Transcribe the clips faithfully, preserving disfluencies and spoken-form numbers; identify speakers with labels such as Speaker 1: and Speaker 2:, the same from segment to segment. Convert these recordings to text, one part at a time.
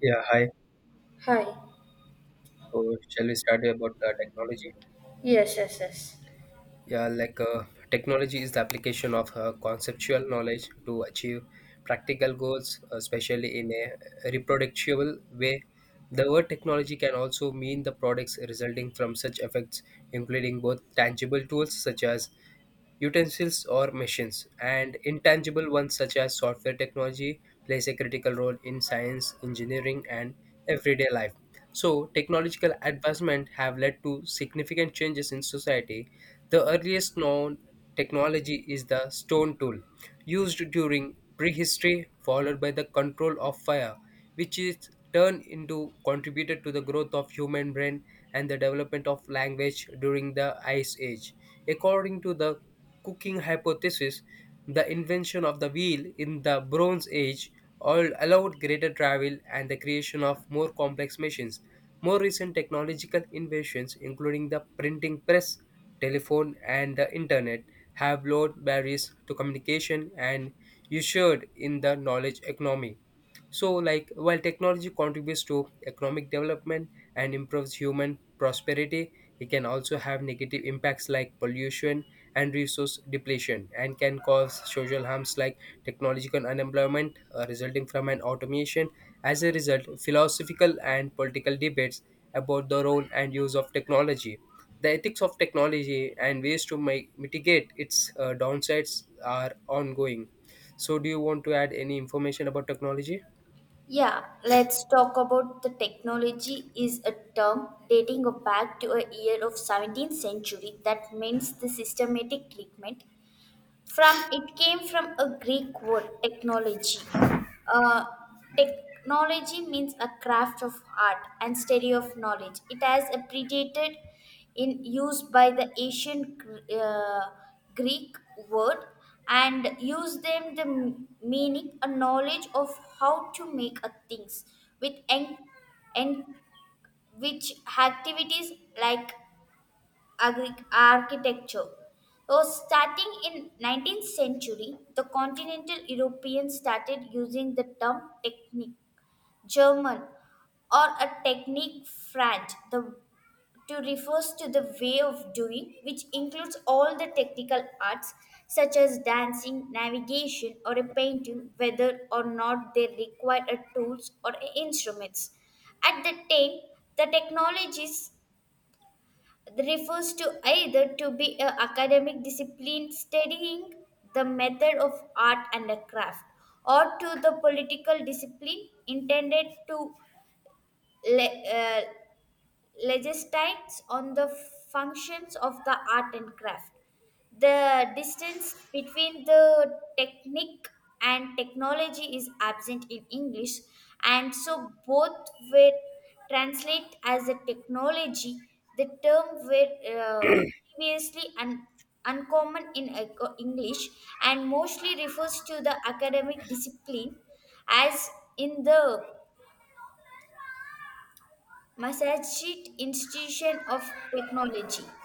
Speaker 1: Yeah, hi.
Speaker 2: Hi.
Speaker 1: So, shall we start about uh, technology?
Speaker 2: Yes, yes, yes.
Speaker 1: Yeah, like uh, technology is the application of uh, conceptual knowledge to achieve practical goals, especially in a reproducible way. The word technology can also mean the products resulting from such effects, including both tangible tools such as utensils or machines, and intangible ones such as software. Technology plays a critical role in science, engineering, and everyday life. So, technological advancement have led to significant changes in society. The earliest known technology is the stone tool, used during prehistory, followed by the control of fire, which is turned into contributed to the growth of human brain and the development of language during the ice age according to the cooking hypothesis. The invention of the wheel in the Bronze Age all allowed greater travel and the creation of more complex machines. More recent technological inventions, including the printing press, telephone, and the internet, have lowered barriers to communication and ushered in the knowledge economy. So, like, while technology contributes to economic development and improves human prosperity, it can also have negative impacts like pollution and resource depletion, and can cause social harms like technological unemployment uh, resulting from an automation. As a result, philosophical and political debates about the role and use of technology, the ethics of technology, and ways to mi- mitigate its uh, downsides are ongoing. So, do you want to add any information about technology?
Speaker 2: Yeah, let's talk about the technology is a term dating back to a year of seventeenth century that means the systematic treatment. From it came from a Greek word technology. Uh, Technology means a craft of art and study of knowledge. It has predated in use by the ancient Gr- uh, Greek word and used them the m- meaning a knowledge of how to make a things with en- and which activities like agri- architecture. So starting in nineteenth century, the continental Europeans started using the term technique, German, or a technique French, the to refers to the way of doing which includes all the technical arts such as dancing navigation or a painting whether or not they require a tools or a instruments at the time the technologies refers to either to be a academic discipline studying the method of art and a craft or to the political discipline intended to le- uh, legislates on the functions of the art and craft. The distance between the technique and technology is absent in English, and so both were translate as a technology. The term were uh, previously un- uncommon in Eng- English and mostly refers to the academic discipline, as in the Massachusetts Institution of Technology.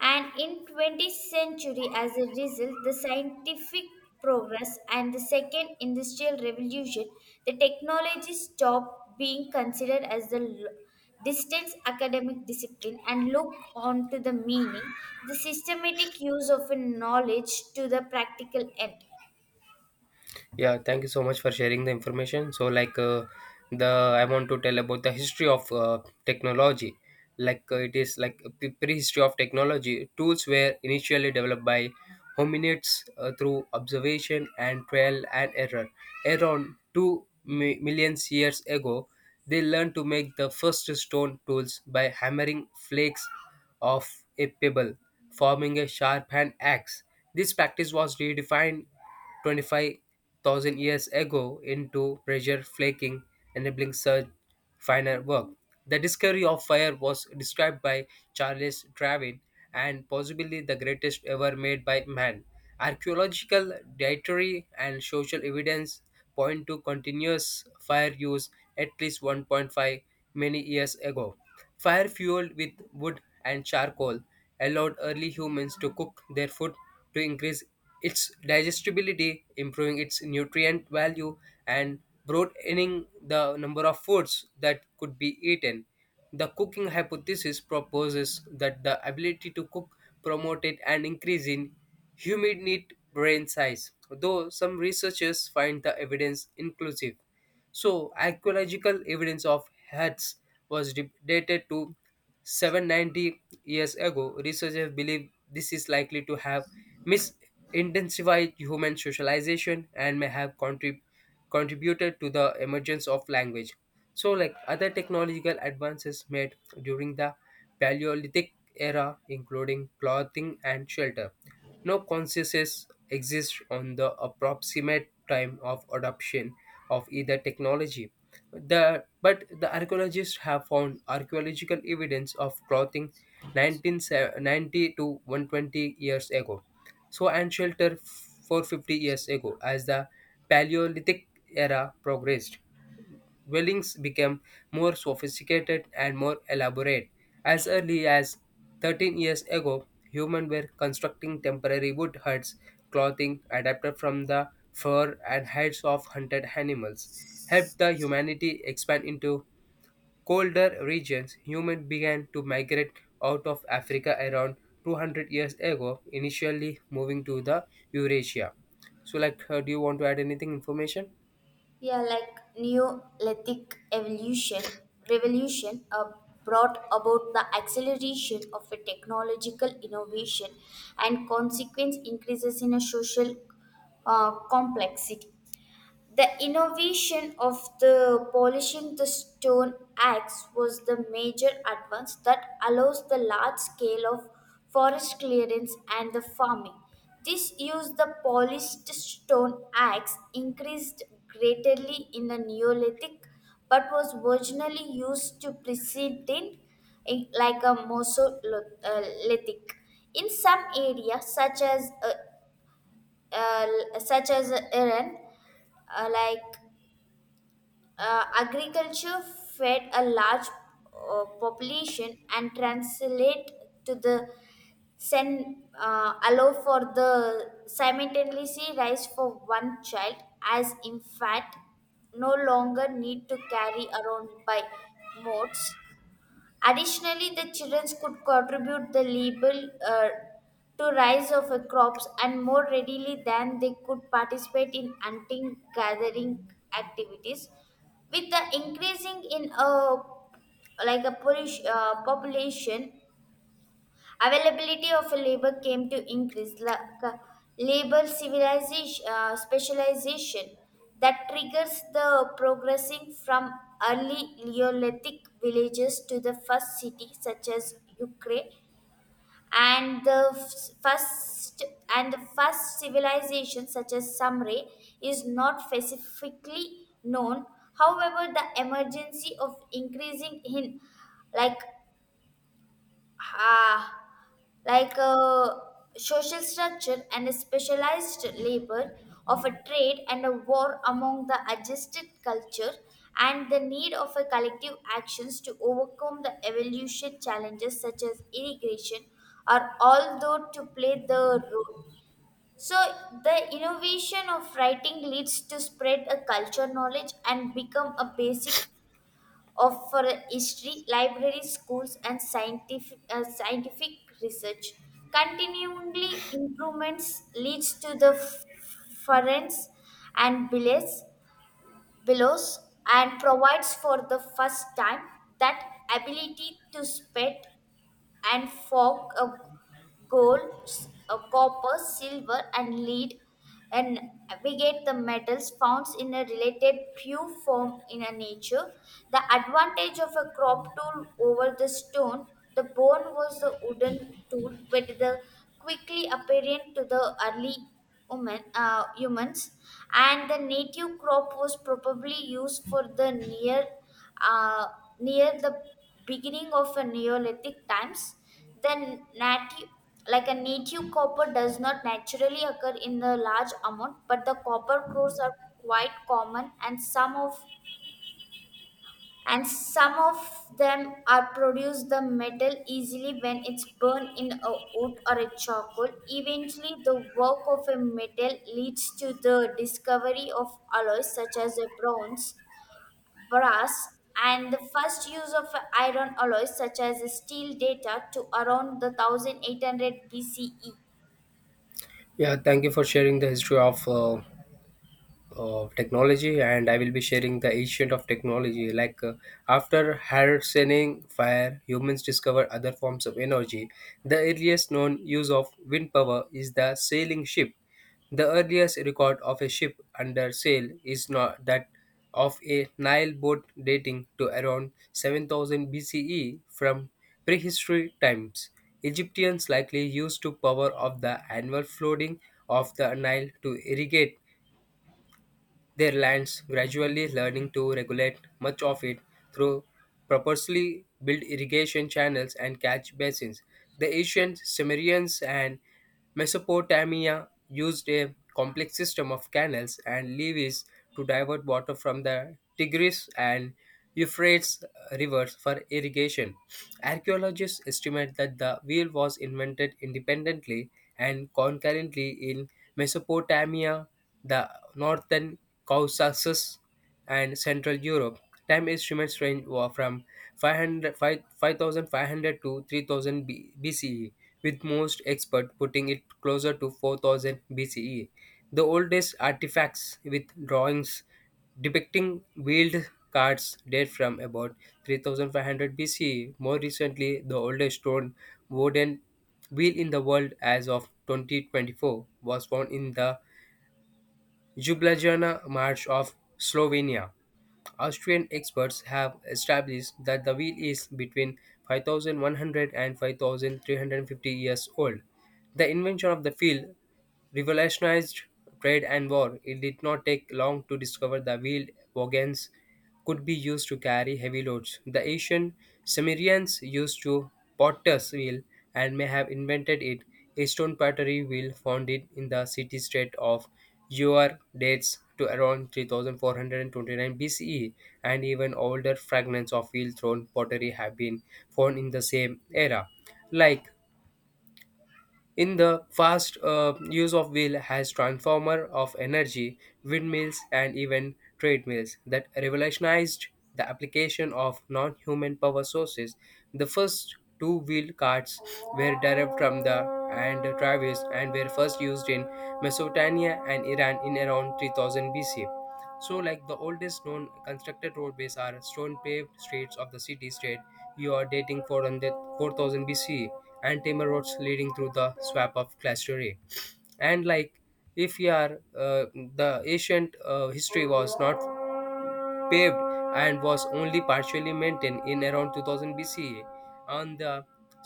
Speaker 2: And in twentieth century, as a result, the scientific progress and the second industrial revolution, the technology stopped being considered as the l- distant academic discipline and looked on to the meaning, the systematic use of a knowledge to the practical end.
Speaker 1: Yeah, thank you so much for sharing the information. So, like, uh, the I want to tell about the history of uh, technology. Like, uh, it is like uh, pre- prehistory of technology. Tools were initially developed by hominids uh, through observation and trial and error. Around two mi- millions years ago, they learned to make the first stone tools by hammering flakes of a pebble, forming a sharp hand axe. This practice was redefined twenty-five thousand years ago into pressure flaking, enabling such finer work. The discovery of fire was described by Charles Darwin and possibly the greatest ever made by man. Archaeological, dietary, and social evidence point to continuous fire use at least one point five many years ago. Fire fueled with wood and charcoal allowed early humans to cook their food to increase its digestibility, improving its nutrient value, and broadening the number of foods that could be eaten. The cooking hypothesis proposes that the ability to cook promoted an increase in humidity brain size, though some researchers find the evidence inclusive. So, archaeological evidence of huts was de- dated to seven ninety years ago. Researchers believe this is likely to have misintensified human socialization and may have contrib- contributed to the emergence of language. So, like other technological advances made during the Paleolithic era, including clothing and shelter, no consensus exists on the approximate time of adoption of either technology. The, but the archaeologists have found archaeological evidence of clothing nineteen ninety to one hundred twenty years ago, so, and shelter four hundred fifty years ago. As the Paleolithic era progressed, dwellings became more sophisticated and more elaborate. As early as thirteen years ago, humans were constructing temporary wood huts, clothing adapted from the fur and hides of hunted animals. Helped the humanity expand into colder regions, humans began to migrate out of Africa around two hundred years ago, initially moving to the Eurasia. So, like, uh, do you want to add anything information?
Speaker 2: Yeah, like Neolithic evolution revolution uh, brought about the acceleration of a technological innovation and consequent increases in a social uh, complexity. The innovation of the polishing the stone axe was the major advance that allows the large scale of forest clearance and the farming. This use the polished stone axe increased greatly in the Neolithic but was originally used to preceding in- like a Mesolithic. In some areas such as uh, uh, such as Iran, uh, like uh, agriculture fed a large uh, population and translate to the sen, uh, allow for the simultaneously rise for one child as in fact no longer need to carry around by modes. Additionally, the children could contribute the label uh, to rise of a crops and more readily than they could participate in hunting gathering activities. With the increasing in a like a polish, uh, population. Availability of labor came to increase. La- ca- labor civilization, uh, specialization that triggers the progressing from early Neolithic villages to the first city, such as Ukraine, and the f- first and the first civilization, such as Sumray, is not specifically known. However, the emergency of increasing in like uh, like uh, social structure and a specialized labor of a trade and a war among the adjusted culture and the need of a collective actions to overcome the evolution challenges such as irrigation are all though to play the role. So the innovation of writing leads to spread a culture knowledge and become a basic of for history, libraries, schools, and scientific, uh, scientific research. Continually improvements leads to the furrents and billows, billows and provides for the first time that ability to spread and fog, uh, Gold, s- uh, copper, silver, and lead and we get the metals found in a related pure form in a nature. The advantage of a crop tool over the stone, the bone was the wooden tool, but the quickly apparent to the early human, uh, humans, and the native crop was probably used for the near, uh, near the beginning of a Neolithic times. The native, like a native copper does not naturally occur in the large amount, but the copper cores are quite common and some of and some of them are produce the metal easily when it's burned in a wood or a charcoal. Eventually, the work of a metal leads to the discovery of alloys such as a bronze, brass and the first use of iron alloys such as steel data to around the eighteen hundred B C E.
Speaker 1: Yeah, thank you for sharing the history of uh, of technology, and I will be sharing the ancient of technology. Like, uh, after harnessing fire, humans discover other forms of energy. The earliest known use of wind power is the sailing ship. The earliest record of a ship under sail is not that of a Nile boat dating to around seven thousand B C E from prehistory times. Egyptians likely used to power of the annual flooding of the Nile to irrigate their lands, gradually learning to regulate much of it through purposely built irrigation channels and catch basins. The ancient Sumerians and Mesopotamia used a complex system of canals and levees to divert water from the Tigris and Euphrates rivers for irrigation. Archaeologists estimate that the wheel was invented independently and concurrently in Mesopotamia, the northern Caucasus, and Central Europe. Time instruments range wa- from five hundred five five thousand five hundred to three thousand B- BCE, with most experts putting it closer to four thousand B C E. The oldest artifacts with drawings depicting wheeled carts date from about three thousand five hundred B C E. More recently, the oldest stone wooden wheel in the world as of twenty twenty-four was found in the Jubljana March of Slovenia. Austrian experts have established that the wheel is between five thousand one hundred and five thousand three hundred fifty years old. The invention of the wheel revolutionized trade and war. It did not take long to discover the wheeled wagons could be used to carry heavy loads. The ancient Sumerians used to potter's wheel and may have invented it. A stone pottery wheel found it in the city state of Ur dates to around three thousand four hundred twenty-nine B C E, and even older fragments of wheel thrown pottery have been found in the same era. Like, in the fast uh, use of wheel has transformer of energy, windmills, and even treadmills that revolutionized the application of non-human power sources. The first two-wheel carts were derived from the and traverse, and were first used in Mesopotamia and Iran in around three thousand BC. So, like, the oldest known constructed roadways are stone paved streets of the city state. You are dating four hundred four thousand B C, and timber roads leading through the swamp of Clastory. And like, if you are uh, the ancient uh, history was not paved and was only partially maintained in around two thousand B C E on the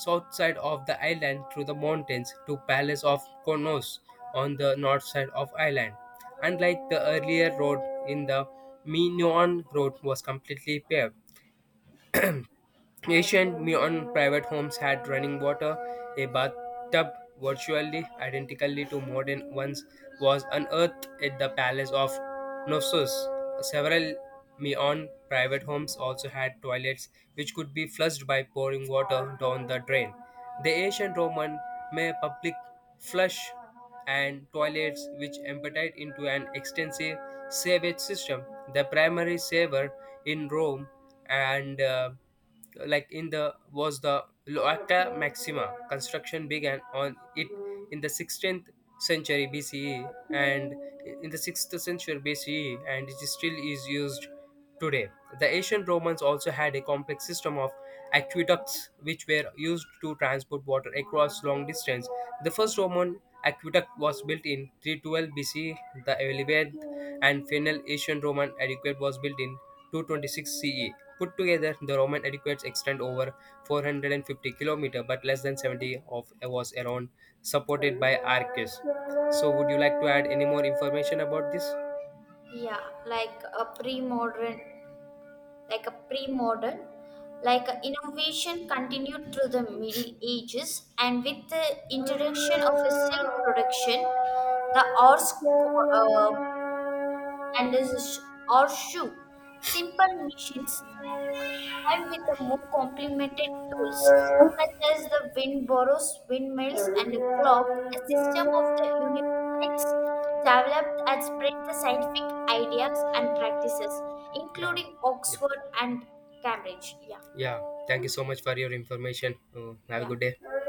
Speaker 1: south side of the island through the mountains to Palace of Konos on the north side of island. Unlike the earlier road in the Minoan, road was completely paved. Ancient Neon private homes had running water. A bathtub, virtually identically to modern ones, was unearthed at the palace of Knossos. Several Neon private homes also had toilets, which could be flushed by pouring water down the drain. The ancient Roman may public flush and toilets, which emptied into an extensive sewage system. The primary sewer in Rome and uh, like in the was the Loaca Maxima. Construction began on it in the sixteenth century B C E and in the sixth century B C E, and it is still is used today. The ancient Romans also had a complex system of aqueducts, which were used to transport water across long distance. The first Roman aqueduct was built in three twelve B C, the eleventh and final Asian Roman aqueduct was built in two twenty-six C E. Put together, the Roman aqueducts extend over four hundred fifty kilometer, but less than seventy of was around supported by arches. So, would you like to add any more information about this?
Speaker 2: Yeah, like a pre-modern, like a pre-modern, like a innovation continued through the Middle Ages and with the
Speaker 1: Yeah,
Speaker 2: introduction of
Speaker 1: yeah,
Speaker 2: a silk production, the horse co- uh, and a sh- or shoe. Simple machines when combined with the more complemented tools such as the wind borrows, windmills, and a clock, a system of the universities developed and spread the scientific ideas and practices, including Oxford and Cambridge. Yeah,
Speaker 1: yeah. Thank you so much for your information. Uh, have a
Speaker 2: yeah.
Speaker 1: good day.